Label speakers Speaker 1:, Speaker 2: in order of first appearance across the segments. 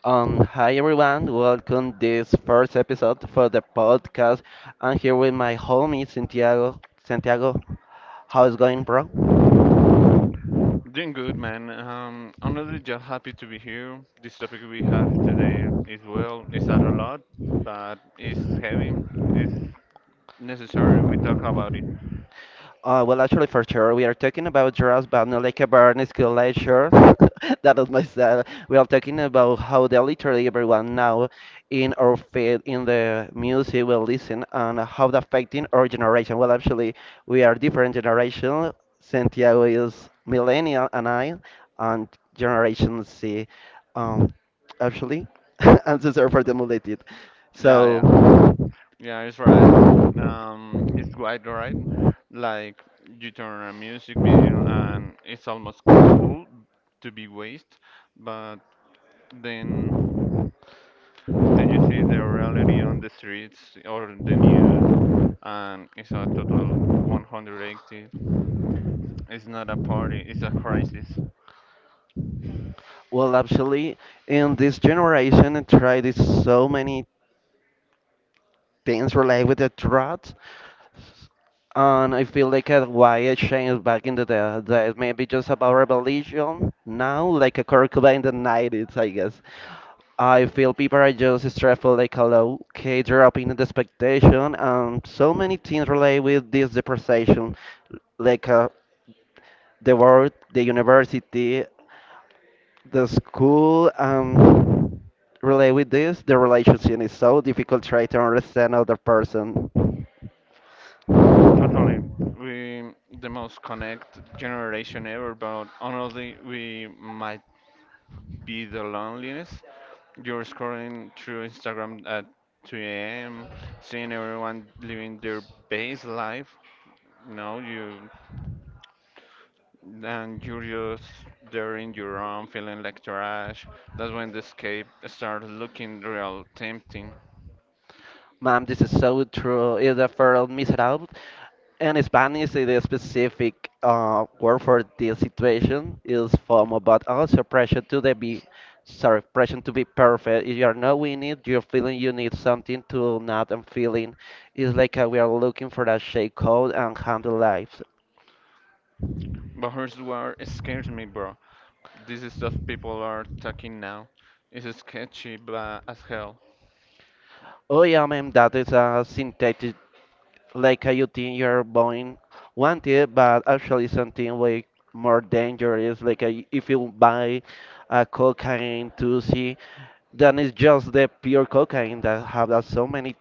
Speaker 1: Hi everyone, welcome this first episode for the podcast. I'm here with my homie Santiago. Santiago, how's it going, bro?
Speaker 2: Doing good, man. Just happy to be here. This topic we have today is well, it's not a lot, but it's heavy. It's necessary we talk about it.
Speaker 1: For sure, we are talking about drugs, but not like a burn school lecture. That is myself. We are talking about how the literally everyone now in our field, in the music, will listen and how the affecting our generation. We are different generation. Santiago is millennial, and I, and Generation C, um, actually, and so sorry for the related.
Speaker 2: Yeah,
Speaker 1: So.
Speaker 2: yeah, yeah. It's right. It's quite right. Like you turn on a music video, and it's almost cool to be waste, but then then you see the reality on the streets or the news, and it's a total 180. It's not a party, it's a crisis.
Speaker 1: Well, actually, in this generation, I tried it so many things related with the drugs, and I feel like why it changed back in the day, that maybe just about religion now, like a curriculum in the 90s, I guess. I feel people are just stressful, like a low key drop in the expectation, and so many things related with this depreciation, like the world, the university, the school, relate with this? The relationship is so difficult. Try to understand other person.
Speaker 2: Totally, we the most connect generation ever, but honestly, we might be the loneliest. You're scrolling through Instagram at 2 a.m., seeing everyone living their best life. No, you and you're just there in your room, feeling like trash. That's when the escape starts looking real tempting.
Speaker 1: Ma'am, this is so true. Is the fertile miserable? In Spanish, the specific word for this situation is FOMO, but also pressure to be perfect. If you are not winning it, you're feeling you need something to not and feeling. It's like we are looking for that shake code and handle lives.
Speaker 2: But here's what scares me, bro. This is stuff people are talking now. It's sketchy, but as hell.
Speaker 1: Oh yeah, ma'am, that is a synthetic, like you think you're buying one thing, but actually something way more dangerous. Like if you buy a cocaine to see, then it's just the pure cocaine that have so many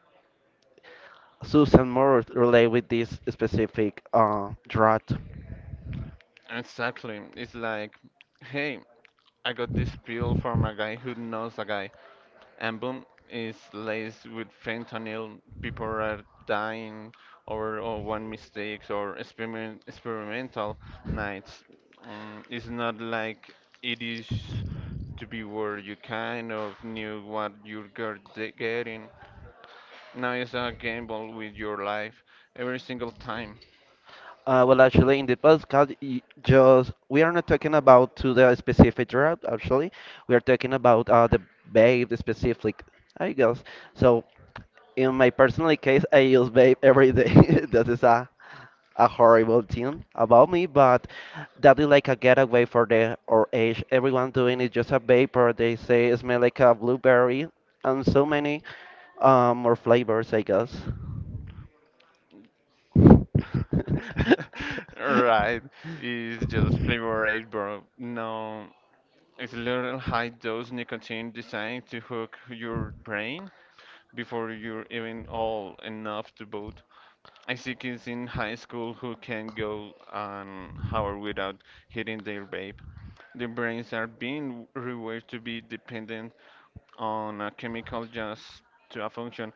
Speaker 1: substance more related with this specific drug.
Speaker 2: Exactly. It's like, hey, I got this pill from a guy who knows a guy, and boom, it's laced with fentanyl. People are dying or one mistakes or experimental nights. It's not like it is to be where you kind of knew what you're getting. Now it's a gamble with your life every single time.
Speaker 1: In the podcast, just we are not talking about to the specific drug. Actually, we are talking about the vape, the specific, I guess. So, in my personal case, I use vape every day. That is a horrible thing about me, but that is like a getaway for the or age. Everyone doing it just a vapor. They say it smell like a blueberry and so many more flavors, I guess.
Speaker 2: Right, it's just flavor aid, bro. No, it's a little high dose nicotine designed to hook your brain before you're even old enough to vote. I see kids in high school who can go an hour without hitting their vape. Their brains are being rewired to be dependent on a chemical just to a function.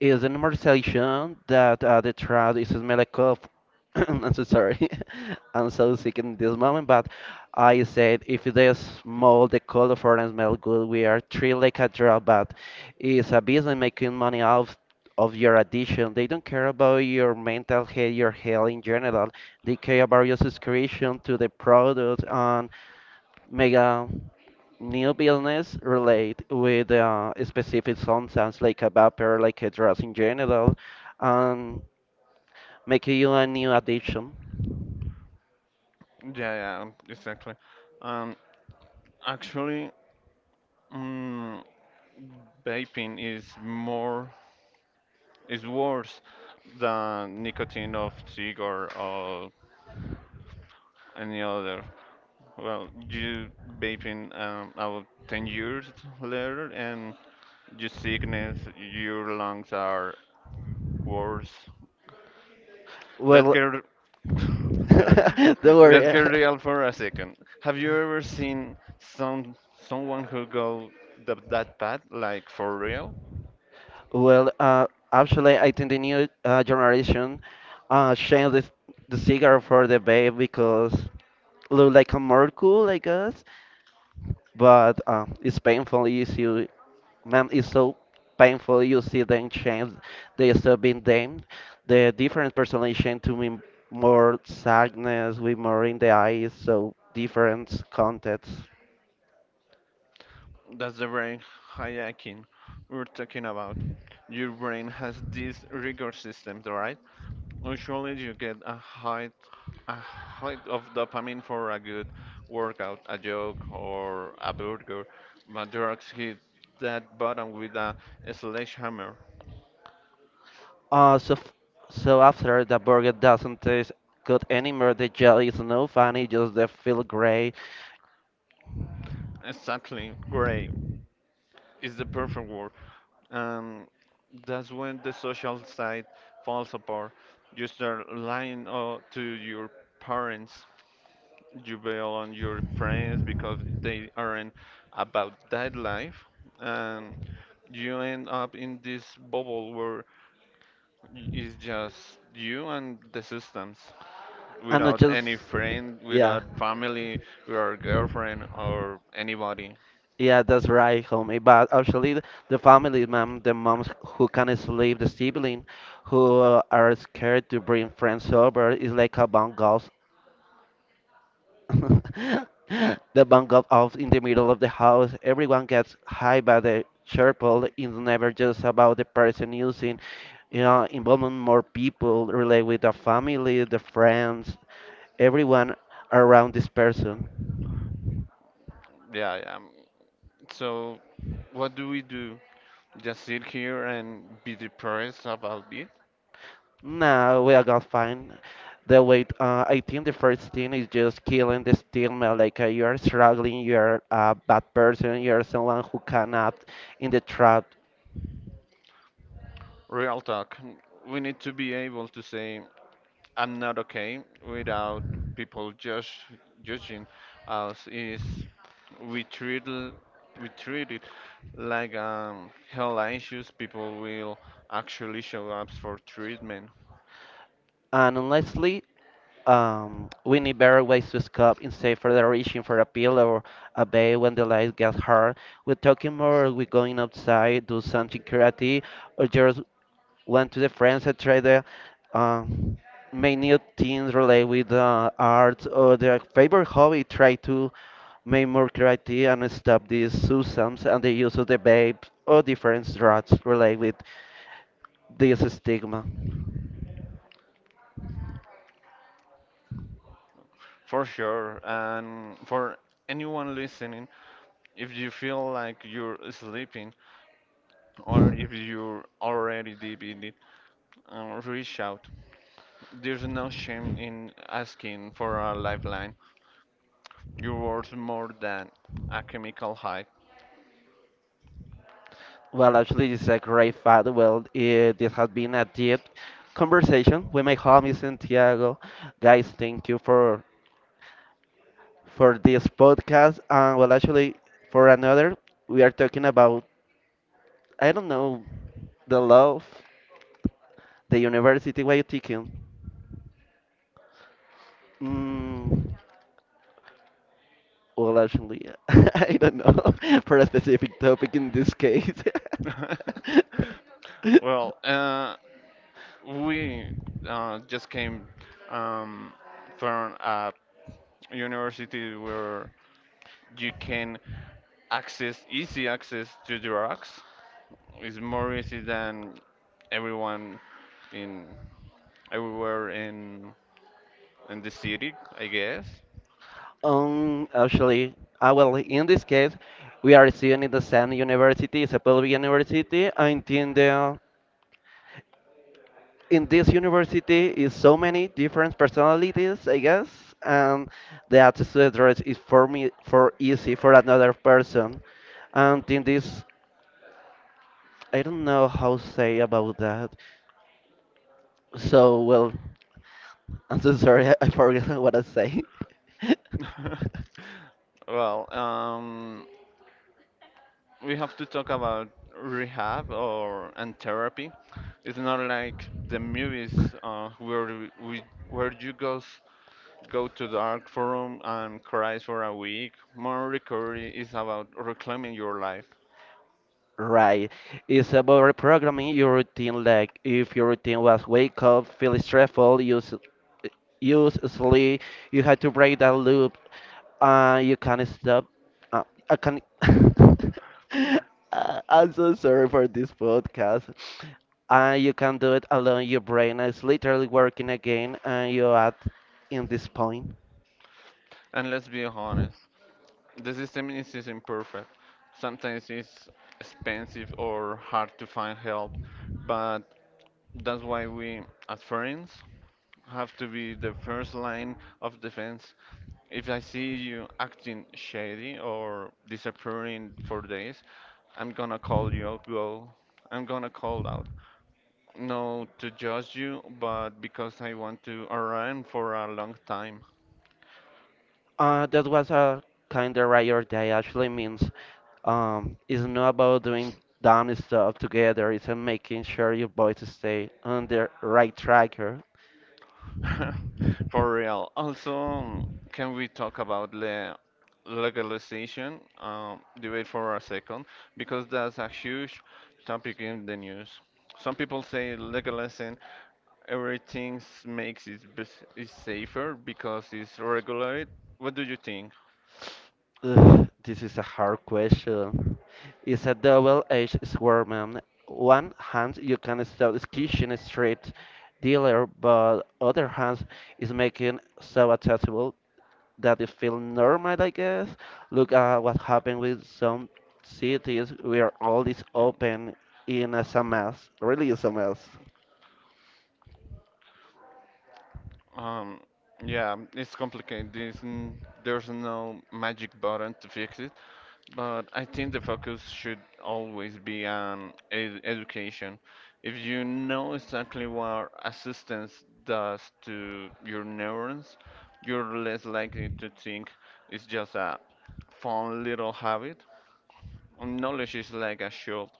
Speaker 1: Is an normalization that the trad is smell like cough. I'm so sorry. I'm so sick in this moment, but I said if they smell the color for and smell good, we are three like a drop, but it's a business making money off of your addiction. They don't care about your mental health, your health in general. They care about your subscription to the product and mega. New business relate with specific sometimes like a vapor, like a dress in general, and make you a new addiction.
Speaker 2: Yeah, yeah, exactly. Um, actually, mm, vaping is worse than nicotine of cigar or any other. Well, you vaping about 10 years later, and your sickness, your lungs are worse. Let's
Speaker 1: Well,
Speaker 2: get Sir,
Speaker 1: don't
Speaker 2: let's get
Speaker 1: worry.
Speaker 2: real for a second. Have you ever seen someone who go the, that path, like for real?
Speaker 1: I think the new generation changed the cigar for the vape because look like a more cool, I guess, but it's painful issue, man, it's so painful. You see them change. They stop being them. The different personality to me, more sadness, with more in the eyes, so different context.
Speaker 2: That's the brain hijacking we're talking about. Your brain has these reward systems, right? Usually you get a height of dopamine for a good workout, a joke, or a burger, but drugs hit that button with a sledgehammer.
Speaker 1: Uh, so, f- so after the burger doesn't taste good anymore, the jelly is no funny, just they feel great.
Speaker 2: Exactly, gray is the perfect word. And that's when the social side falls apart. You start lying to your parents, you bail on your friends because they aren't about that life, and you end up in this bubble where it's just you and the systems
Speaker 1: And I
Speaker 2: without
Speaker 1: just,
Speaker 2: any friend,
Speaker 1: yeah.
Speaker 2: without family, without girlfriend or anybody.
Speaker 1: Yeah, that's right, homie. But actually, the family, mom, the moms who can't sleep, the sibling who are scared to bring friends over, is like a bang off. The bang goes off in the middle of the house. Everyone gets high by the chirple. It's never just about the person using, involving more people, relate with the family, the friends, everyone around this person.
Speaker 2: Yeah, yeah. So what do we do? Just sit here and be depressed about it?
Speaker 1: No, we are gonna find the way. I think the first thing is just killing the stigma. Like you are struggling, you are a bad person, you are someone who cannot in the trap.
Speaker 2: Real talk. We need to be able to say, I'm not okay without people judge, judging us. Is we treat l- we treat it like health issues. People will actually show up for treatment
Speaker 1: And honestly, we need better ways to escape instead of reaching for a pill or a bay when the light gets hard. We're talking more, we're going outside, do something creative, or just went to the friends and tried the um, make new things related with art or their favorite hobby. Try to make more creative and stop these substances and the use of the vape or different drugs related with this stigma.
Speaker 2: for sure. And for anyone listening, if you feel like you're sleeping or if you're already deep in it, reach out. There's no shame in asking for a lifeline. You're worth more than a chemical high.
Speaker 1: This is a great fact. Well, it, this has been a deep conversation with my homie Santiago. Guys, thank you for this podcast. And for another, we are talking about, I don't know, the love, the university. What you thinking? Mm, well, actually, I don't know for a specific topic in this case.
Speaker 2: Well, we just came um, from a university where you can access easy access to drugs. It's more easy than everyone in everywhere in the city, I guess.
Speaker 1: Um, actually, in this case, we are students in the same university, it's university, and in the in this university is so many different personalities, I guess, and the access to the drugs is for me for easy for another person, and in this, I don't know how to say about that. So, well, I'm so sorry, I forgot what I say.
Speaker 2: Well, we have to talk about rehab or and therapy. It's not like the movies uh, where we, where you goes go to dark room and cries for a week. More recovery is about reclaiming your life.
Speaker 1: Right. It's about reprogramming your routine. Like if your routine was wake up, feel stressful, use sleep, you had to break that loop. You can't stop. I can. I'm so sorry for this podcast. You can do it alone. Your brain is literally working again, and you at in this point.
Speaker 2: And let's be honest, the system is imperfect. Sometimes it's expensive or hard to find help, but that's why we as friends have to be the first line of defense. If I see you acting shady or disappearing for days, I'm gonna call you out, girl. I'm gonna call out. No to judge you, but because I want to around for a long time.
Speaker 1: That was a kind of right day actually means, it's not about doing dumb stuff together, it's making sure you both stay on the right track. Or-
Speaker 2: For real. Also, can we talk about the legalization? Debate for a second, because that's a huge topic in the news. Some people say legalizing Everything is safer because it's regulated. What do you think?
Speaker 1: Ugh, this is a hard question. It's a double-edged sword, man. One hand you can stop this kitchen strip dealer, but other hand is making so accessible that is feeling normal, I guess. Look at what happened with some
Speaker 2: See,
Speaker 1: cities
Speaker 2: yeah.
Speaker 1: where all is open in a mass, really is a mess.
Speaker 2: Um, yeah, it's complicated. There's no magic button to fix it, but I think the focus should always be on ed education. If you know exactly what assistance does to your neurons, you're less likely to think it's just a fun little habit. Knowledge is like a shield.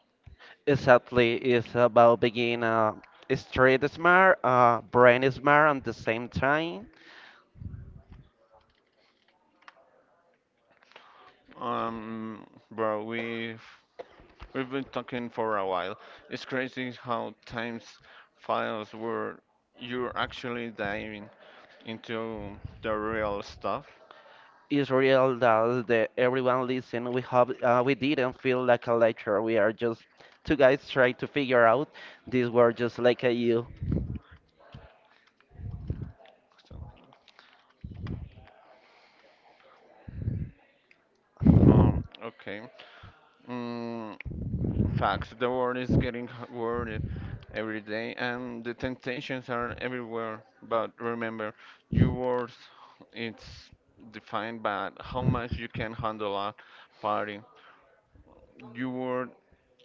Speaker 1: Exactly, it's about being street smart, brain smart at the same time.
Speaker 2: Um, bro, we've been talking for a while. It's crazy how times files where you're actually diving into the real stuff.
Speaker 1: It's real that the, everyone listen. We have we didn't feel like a lecture. We are just two guys trying to figure out this word just like you.
Speaker 2: So, okay. Mm, facts. The world is getting worried every day, and the temptations are everywhere. But remember, your worth it's defined by how much you can handle at party. Your word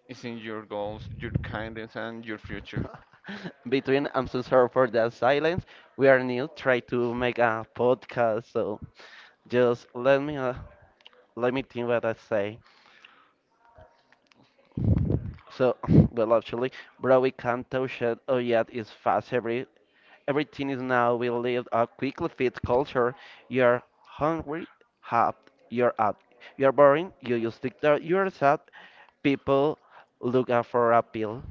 Speaker 2: is in your goals, your kindness, and your future.
Speaker 1: Between I'm so sorry for that silence. We are new, try to make a podcast, so just let me think what I say. So, well, actually, bro, we can't touch it. Oh yeah, it's fast. Everything is now. We live a quickly fit culture. You're hungry, hot. You're up. You're boring. You use TikTok. You're sad. People look out for appeal.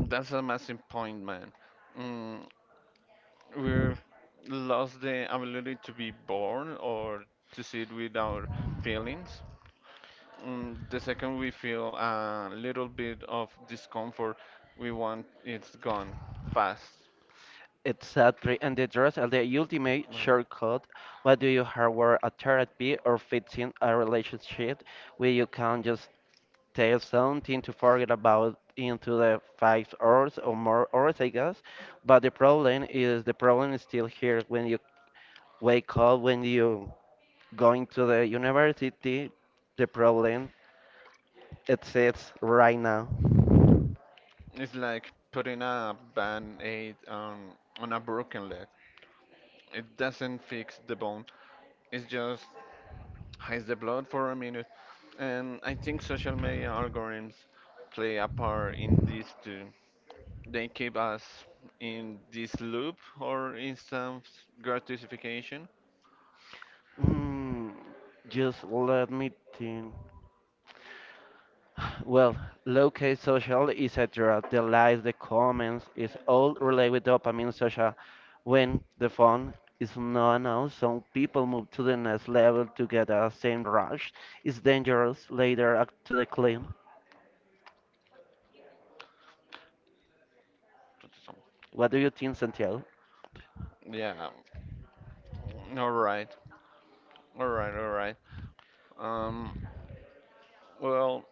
Speaker 2: That's a massive point, man. Mm, we've lost the ability to be born or to sit with our feelings. The second we feel a little bit of discomfort, we want it's gone fast.
Speaker 1: Exactly, and the dress as the ultimate
Speaker 2: Um,
Speaker 1: shortcut. What do you hardware a therapy or fits in a relationship where you can just tell something to forget about into the 5 hours or more hours, I guess. But the problem is still here when you wake up, when you going to the university, the problem exists right now.
Speaker 2: It's like putting a band aid on a broken leg. It doesn't fix the bone, it's just hides the blood for a minute. And I think social media algorithms play a part in this too. They keep us in this loop or instant gratification.
Speaker 1: Mm, just let me think. Well, locate social, etc., the likes, the comments, is all related with dopamine social. When the phone is not announced, some people move to the next level to get the same rush. It's dangerous later up to the claim. What do you think, Santiago?
Speaker 2: Yeah, all right, all right. Um, well,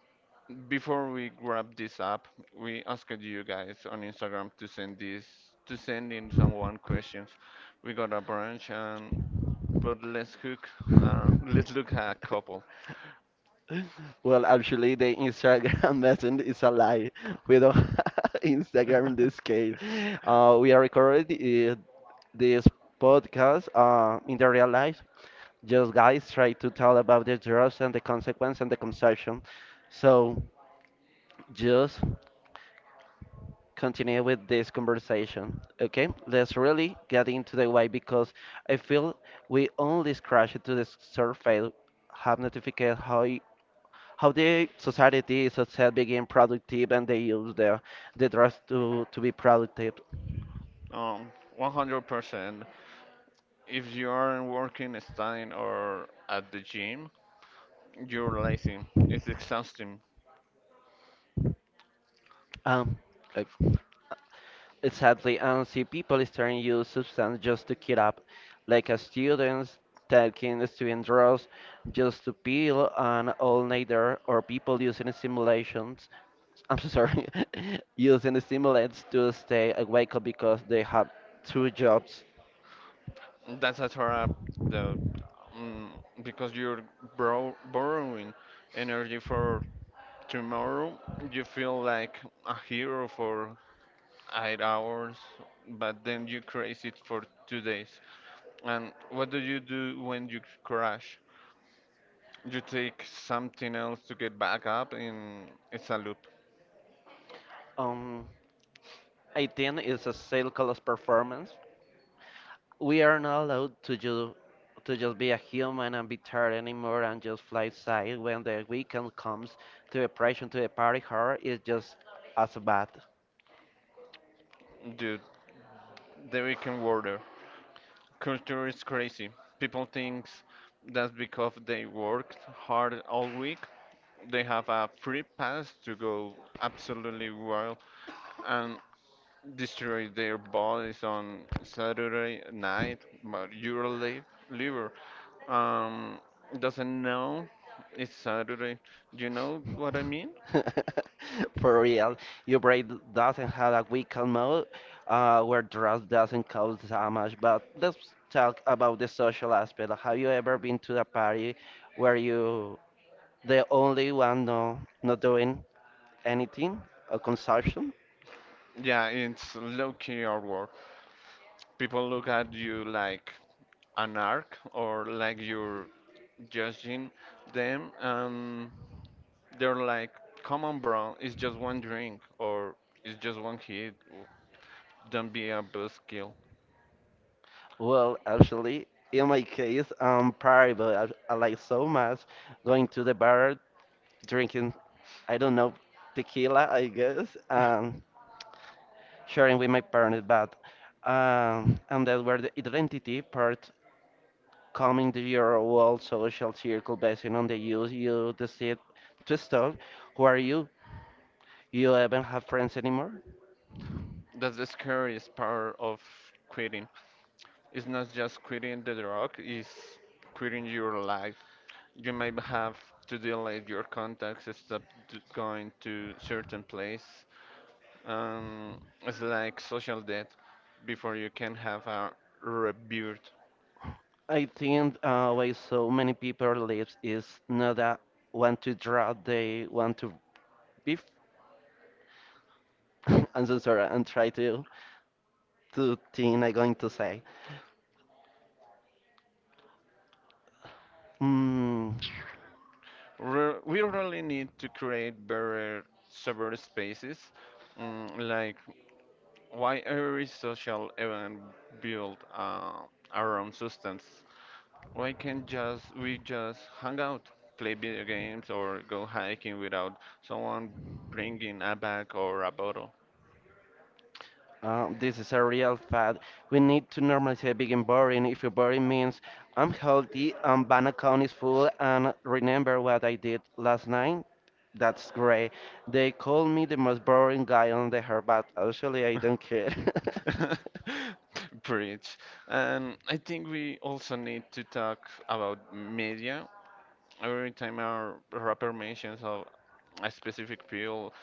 Speaker 2: before we grab this up, we asked you guys on Instagram to send this to send in someone questions. We got a bunch, and but let's hook, let's look at a couple.
Speaker 1: Well, actually, the Instagram message is a lie. We don't have Instagram in this case. We are recording this podcast in the real life. Just guys try to tell about the drugs and the consequence and the consumption. So just continue with this conversation. Okay, let's really get into the way because I feel we only scratched to the surface. Have notified how the society is itself became productive and they use the drugs to be productive.
Speaker 2: 100%. If you aren't working, studying, or at the gym, you're lazy. It's exhausting.
Speaker 1: Um, uh, Exactly, and see people starting to use substance just to keep up, like a students taking student drugs just to pill and all nighter, or people using stimulations. I'm so sorry, using stimulants to stay awake because they have two jobs.
Speaker 2: That's a trap, though, mm, because you're bro borrowing energy for tomorrow. You feel like a hero for 8 hours, but then you crash it for 2 days. And what do you do when you crash? You take something else to get back up, and it's a loop.
Speaker 1: Um, I think it's a cycle of performance we are not allowed to just be a human and be tired anymore and just fly side when the weekend comes to the pressure to the party hard is just as bad.
Speaker 2: Dude, the weekend warrior. Culture is crazy. People think that because they worked hard all week, they have a free pass to go absolutely wild and destroy their bodies on Saturday night, but your liver um, doesn't know it's Saturday. You know what I mean?
Speaker 1: For real, your brain doesn't have a weekend mode where drugs doesn't cause damage. But let's talk about the social aspect. Have you ever been to a party where you the only one, no, not doing anything or consumption?
Speaker 2: Yeah, it's low key artwork. People look at you like an arc or like you're judging them, and they're like, "Come on, bro, it's just one drink or it's just one hit. Don't be a buzzkill."
Speaker 1: Well, actually, in my case, I'm party, I like so much going to the bar, drinking, I don't know, tequila, I guess, and sharing with my partner. But and that's where the identity part coming to your world social circle based on the use you decide to stop. Who are you? You haven't have friends anymore.
Speaker 2: That's the scariest part of quitting. It's not just quitting the drug; it's quitting your life. You might have to delete your contacts, stop going to certain place. It's like social debt before you can have a rebirth.
Speaker 1: I think why so many people lives is not that want to draw, they want to be I'm so sorry. And try to think. I'm going to say, mm,
Speaker 2: Re We really need to create better server spaces. Like why every social event built around substance? Why can't just we just hang out, play video games, or go hiking without someone bringing a bag or a bottle?
Speaker 1: This is a real fact. We need to normalize being boring. If you boring means I'm healthy and bank account is full and remember what I did last night. That's great. They call me the most boring guy on the earth, but actually I don't care.
Speaker 2: Preach. And I think we also need to talk about media. Every time our rapper mentions of a specific pill,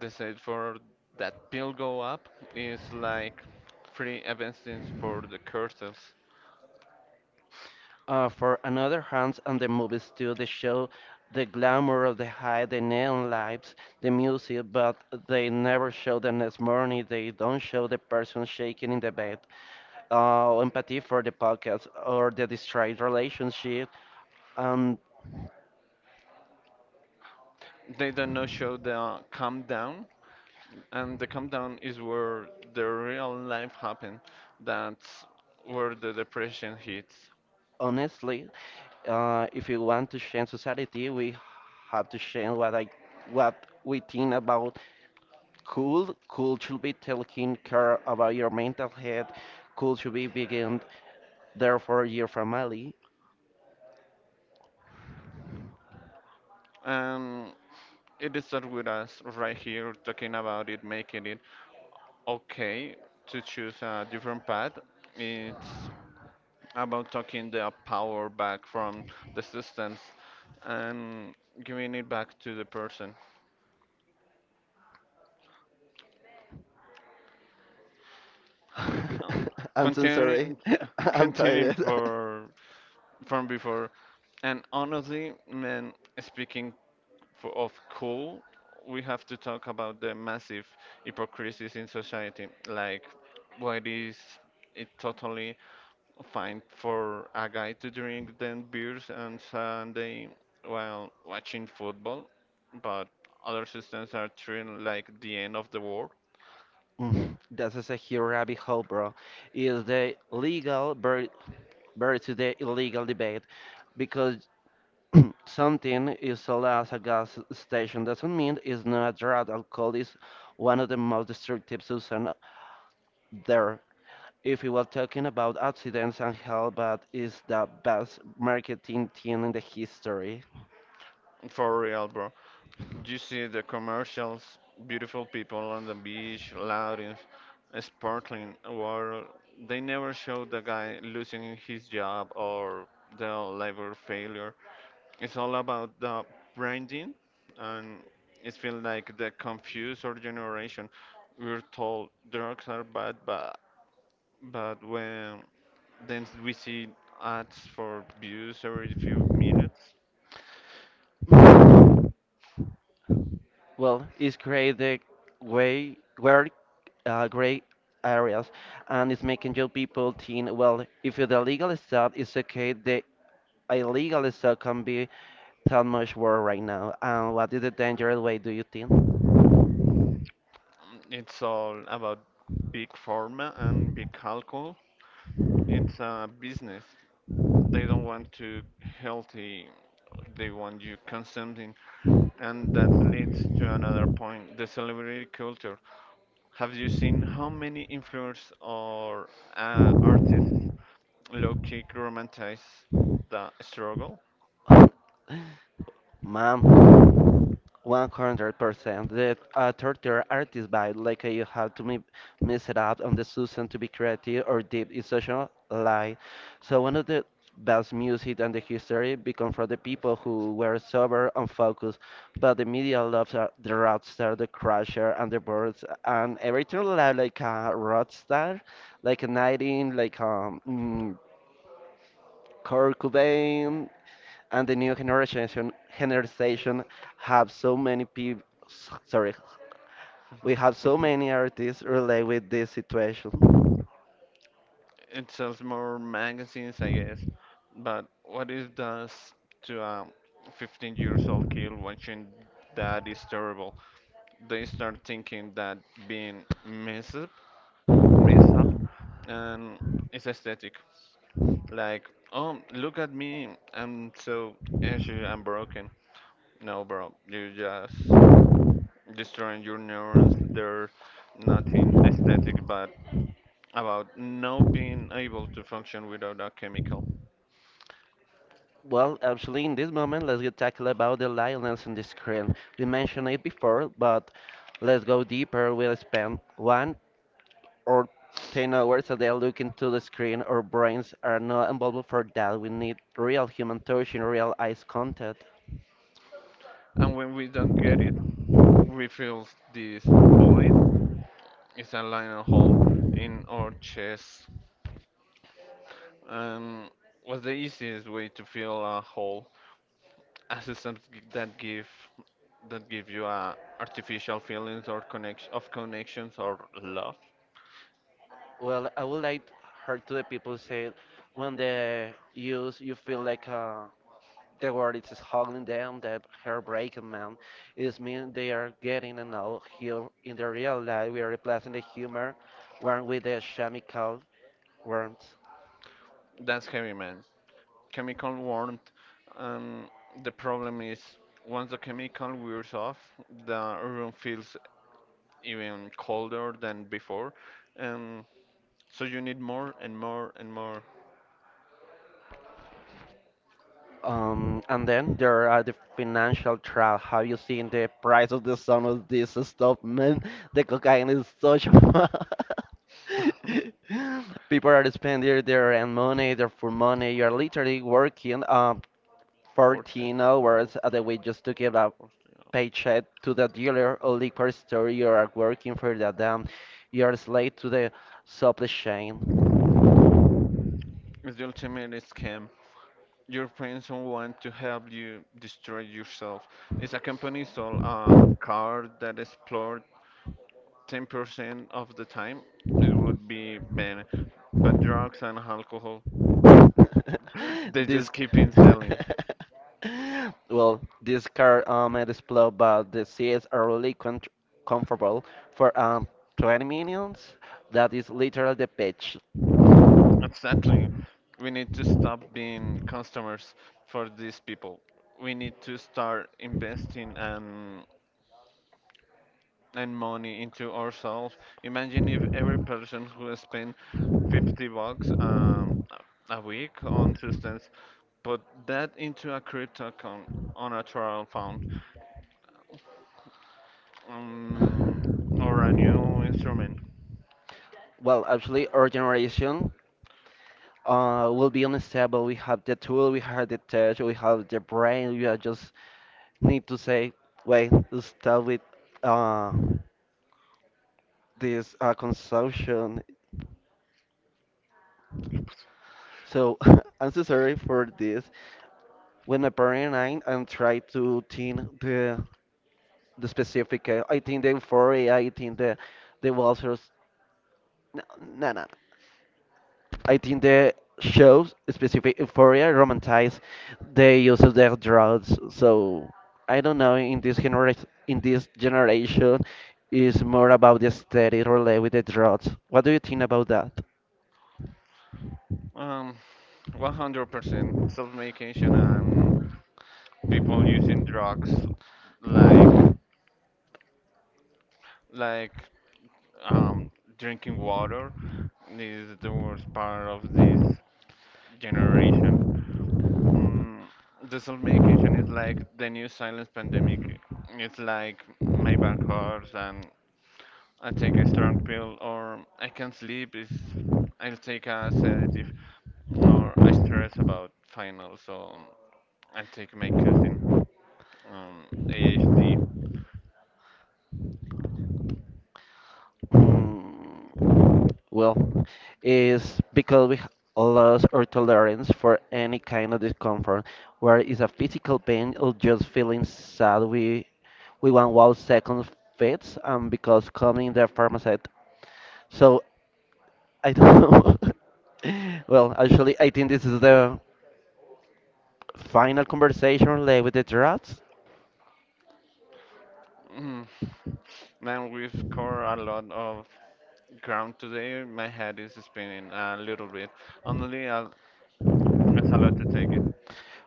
Speaker 2: the sales for that pill go up is like free evidence for the curses.
Speaker 1: For another hands on the movies too, they show the glamour of the high, the neon lights, the music, but they never show the next morning. They don't show the person shaking in the bed, empathy for the podcast or the destroyed relationship. And
Speaker 2: They don't know show the calm down, and the calm down is where the real life happen, that's where the depression hits.
Speaker 1: honestly, if you want to change society, we have to change what we think about cool. Cool should be taking care about your mental health. Cool should be begin Therefore, you're from Ali.
Speaker 2: Um, It starts with us right here talking about it, making it okay to choose a different path. It's about taking the power back from the systems and giving it back to the person. Um,
Speaker 1: I'm so sorry.
Speaker 2: continuing,
Speaker 1: I'm
Speaker 2: continuing
Speaker 1: tired.
Speaker 2: for from before. And honestly, man, speaking for, of cool, we have to talk about the massive hypocrisies in society. Like, why is it totally fine for a guy to drink then beers and Sunday while watching football, but other systems are treated like the end of the world.
Speaker 1: This is a huge rabbit hole, bro. Is the legal buried the illegal debate because something is sold as a gas station doesn't mean it's not a drug. Alcohol is one of the most destructive substances there. If we were talking about accidents and health, but is the best marketing team in the history.
Speaker 2: For real, bro. You see the commercials, beautiful people on the beach, loud and sparkling water. They never show the guy losing his job or the labor failure. It's all about the branding, and it feels like the confused our generation. We're told drugs are bad, but when then we see ads for views every few minutes.
Speaker 1: Well, it's creating way where gray areas, and it's making your people think, well, if the legal stuff is okay, the illegal stuff can be that much worse right now. And what is the dangerous way do you think?
Speaker 2: It's all about big pharma and big alcohol. It's a business. They don't want to healthy. They want you consuming, and that leads to another point: the celebrity culture. Have you seen how many influencers or artists low kick romanticize the struggle?
Speaker 1: Ma'am, 100%. The torture artist by you have to mix it up on the Susan to be creative or deep in social life. So one of the best music and the history become from the people who were sober and focused, but the media loves the rock star, the crusher, and the birds, and everything like a rock star, like a 19, like Kurt Cobain, and the new generation have so many people sorry we have so many artists relate with this situation.
Speaker 2: It sells more magazines, I guess. But what it does to a 15 years old kid watching that is terrible. They start thinking that being mess up, and it's aesthetic. Like, oh, look at me. I'm so ashy. I'm broken. No, bro, you just destroying your neurons. There's nothing aesthetic but about not being able to function without a chemical.
Speaker 1: Well actually in this moment let's get tackle about the lioness on the screen, we mentioned it before, but let's go deeper. We'll spend one or 10 hours a day looking to the screen. Our brains are not involved for that. We need real human touch and real eyes contact.
Speaker 2: And when we don't get it, we feel this void. It's a lion hole in our chest. And what's the easiest way to fill a hole? A system that give that give you artificial feelings or connection of connections or love.
Speaker 1: Well, I would like her to the people say when they use you feel like the word is hugging them, that her breaking man is mean they are getting, and now here in the real life we are replacing the humor one with the chemical worms.
Speaker 2: That's heavy, man. Chemical warmth. Um, the problem is once the chemical wears off, the room feels even colder than before. Um, so you need more and more and more.
Speaker 1: And then there are the financial trap. Have you seen the price of the some of this stuff, man? The cocaine is such a people are spending their own money, their full money. You're literally working
Speaker 2: 14
Speaker 1: 14
Speaker 2: hours.
Speaker 1: hours a day week just to give a
Speaker 2: 14
Speaker 1: paycheck to the dealer or liquor store. You are working for the damn.
Speaker 2: hours.
Speaker 1: You're a slave to the supply chain.
Speaker 2: It's the ultimate scam. Your friends don't want to help you destroy yourself. It's a company sold a car that explored 10% of the time. It would be banned, but drugs and alcohol, they
Speaker 1: this
Speaker 2: just keep in selling.
Speaker 1: well this car it is blue but the seats are really comfortable for 20 minutes. That is literally the pitch.
Speaker 2: Exactly. We need to stop being customers for these people. We need to start investing and money into ourselves. Imagine if every person who spent $50 a week on substan. Put that into a crypto account on a trial fund um, or a new instrument.
Speaker 1: Well actually our generation will be unstable. We have the tool, we have the tech, we have the brain. We are just need to say wait, stop with uh this consumption. So I'm so sorry for this. With my parent and I and try to think the specific, I think the euphoria, I think the Walters, no, no, no. I think the shows specific euphoria romanticize the use of their drugs. So I don't know. In this generation, is more about the aesthetic related with the drugs. What do you think about that?
Speaker 2: Um, 100% self-medication and people using drugs like like um, drinking water is the worst part of this generation. Mm, the self-medication is like the new silence pandemic. It's like Maybach cars and I take a strong pill, or I can't sleep. Is I'll take a sedative, or I stress about finals, so I take my cousin, um, AHD.
Speaker 1: Well, is because we lost our tolerance for any kind of discomfort, whether it's a physical pain or just feeling sad. We want wow second fits, because coming the pharmacist. So I don't know. Well, actually, I think this is the final conversation related with the drugs.
Speaker 2: Mm. Man, we've covered a lot of ground today. My head is spinning a little bit. Honestly, it's a lot to take it,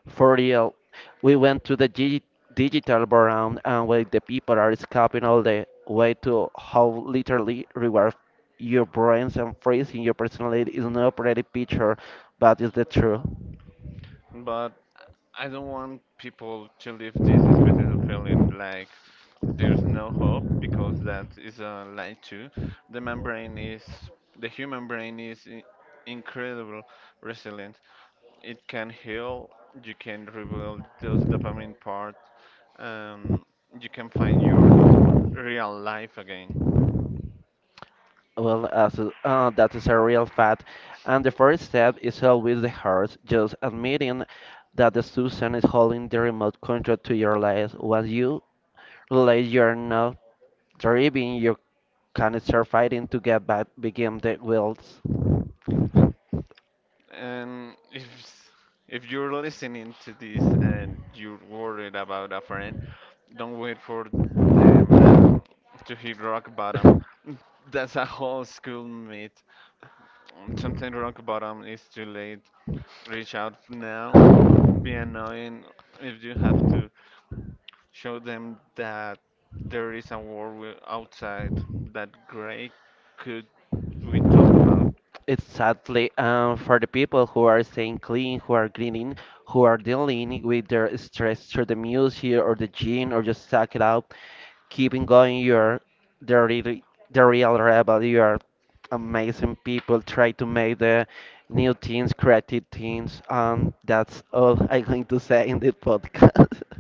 Speaker 1: For real, we went to the digital baron and where the people are scoping all the way to how literally reward your brains and freezing your personality is not a pretty picture, but is the truth.
Speaker 2: but I don't want people to live critical feeling like there's no hope because that is a lie too. The membrane is the human brain is incredible resilient. It can heal. You can rebuild those dopamine part. Um, you can find your real life again.
Speaker 1: Well, that is a real fact, and the first step is always the hardest. Just admitting that the Susan is holding the remote control to your life. Once you realize you are not driving, you can start fighting to get back, begin the wheels.
Speaker 2: And if you're listening to this and you're worried about a friend, don't wait for them to hit rock bottom. That's a whole school myth. Sometimes rock bottom is too late. Reach out now. Be annoying if you have to show them that there is a world outside that gray could we talk about.
Speaker 1: Exactly. For the people who are staying clean, who are greening, who are dealing with their stress through the music or the gym or just suck it up, keeping going, you're the real, the real rebel. You are amazing people. Try to make the new teens, creative teens. That's all I'm going to say in this podcast.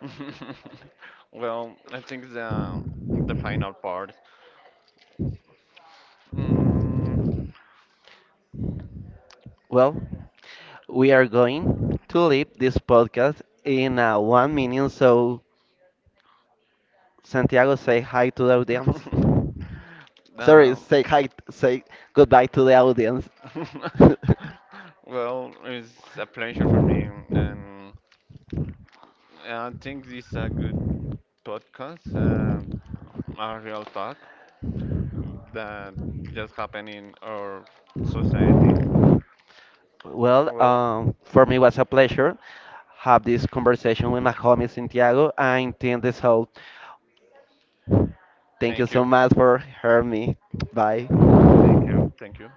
Speaker 2: Well, I think the final part. Mm,
Speaker 1: Well, we are going to leave this podcast in 1 minute, so Santiago, say hi to the audience. Sorry,
Speaker 2: um,
Speaker 1: say hi, say goodbye to the audience.
Speaker 2: well, it's a pleasure for me, and yeah, I think this is a good podcast, a real talk that just happened in our society.
Speaker 1: Well,
Speaker 2: Well,
Speaker 1: for me, it was a pleasure have this conversation with my homie Santiago. And intend this whole. Thank you so much for hearing me. Bye.
Speaker 2: thank you, thank you.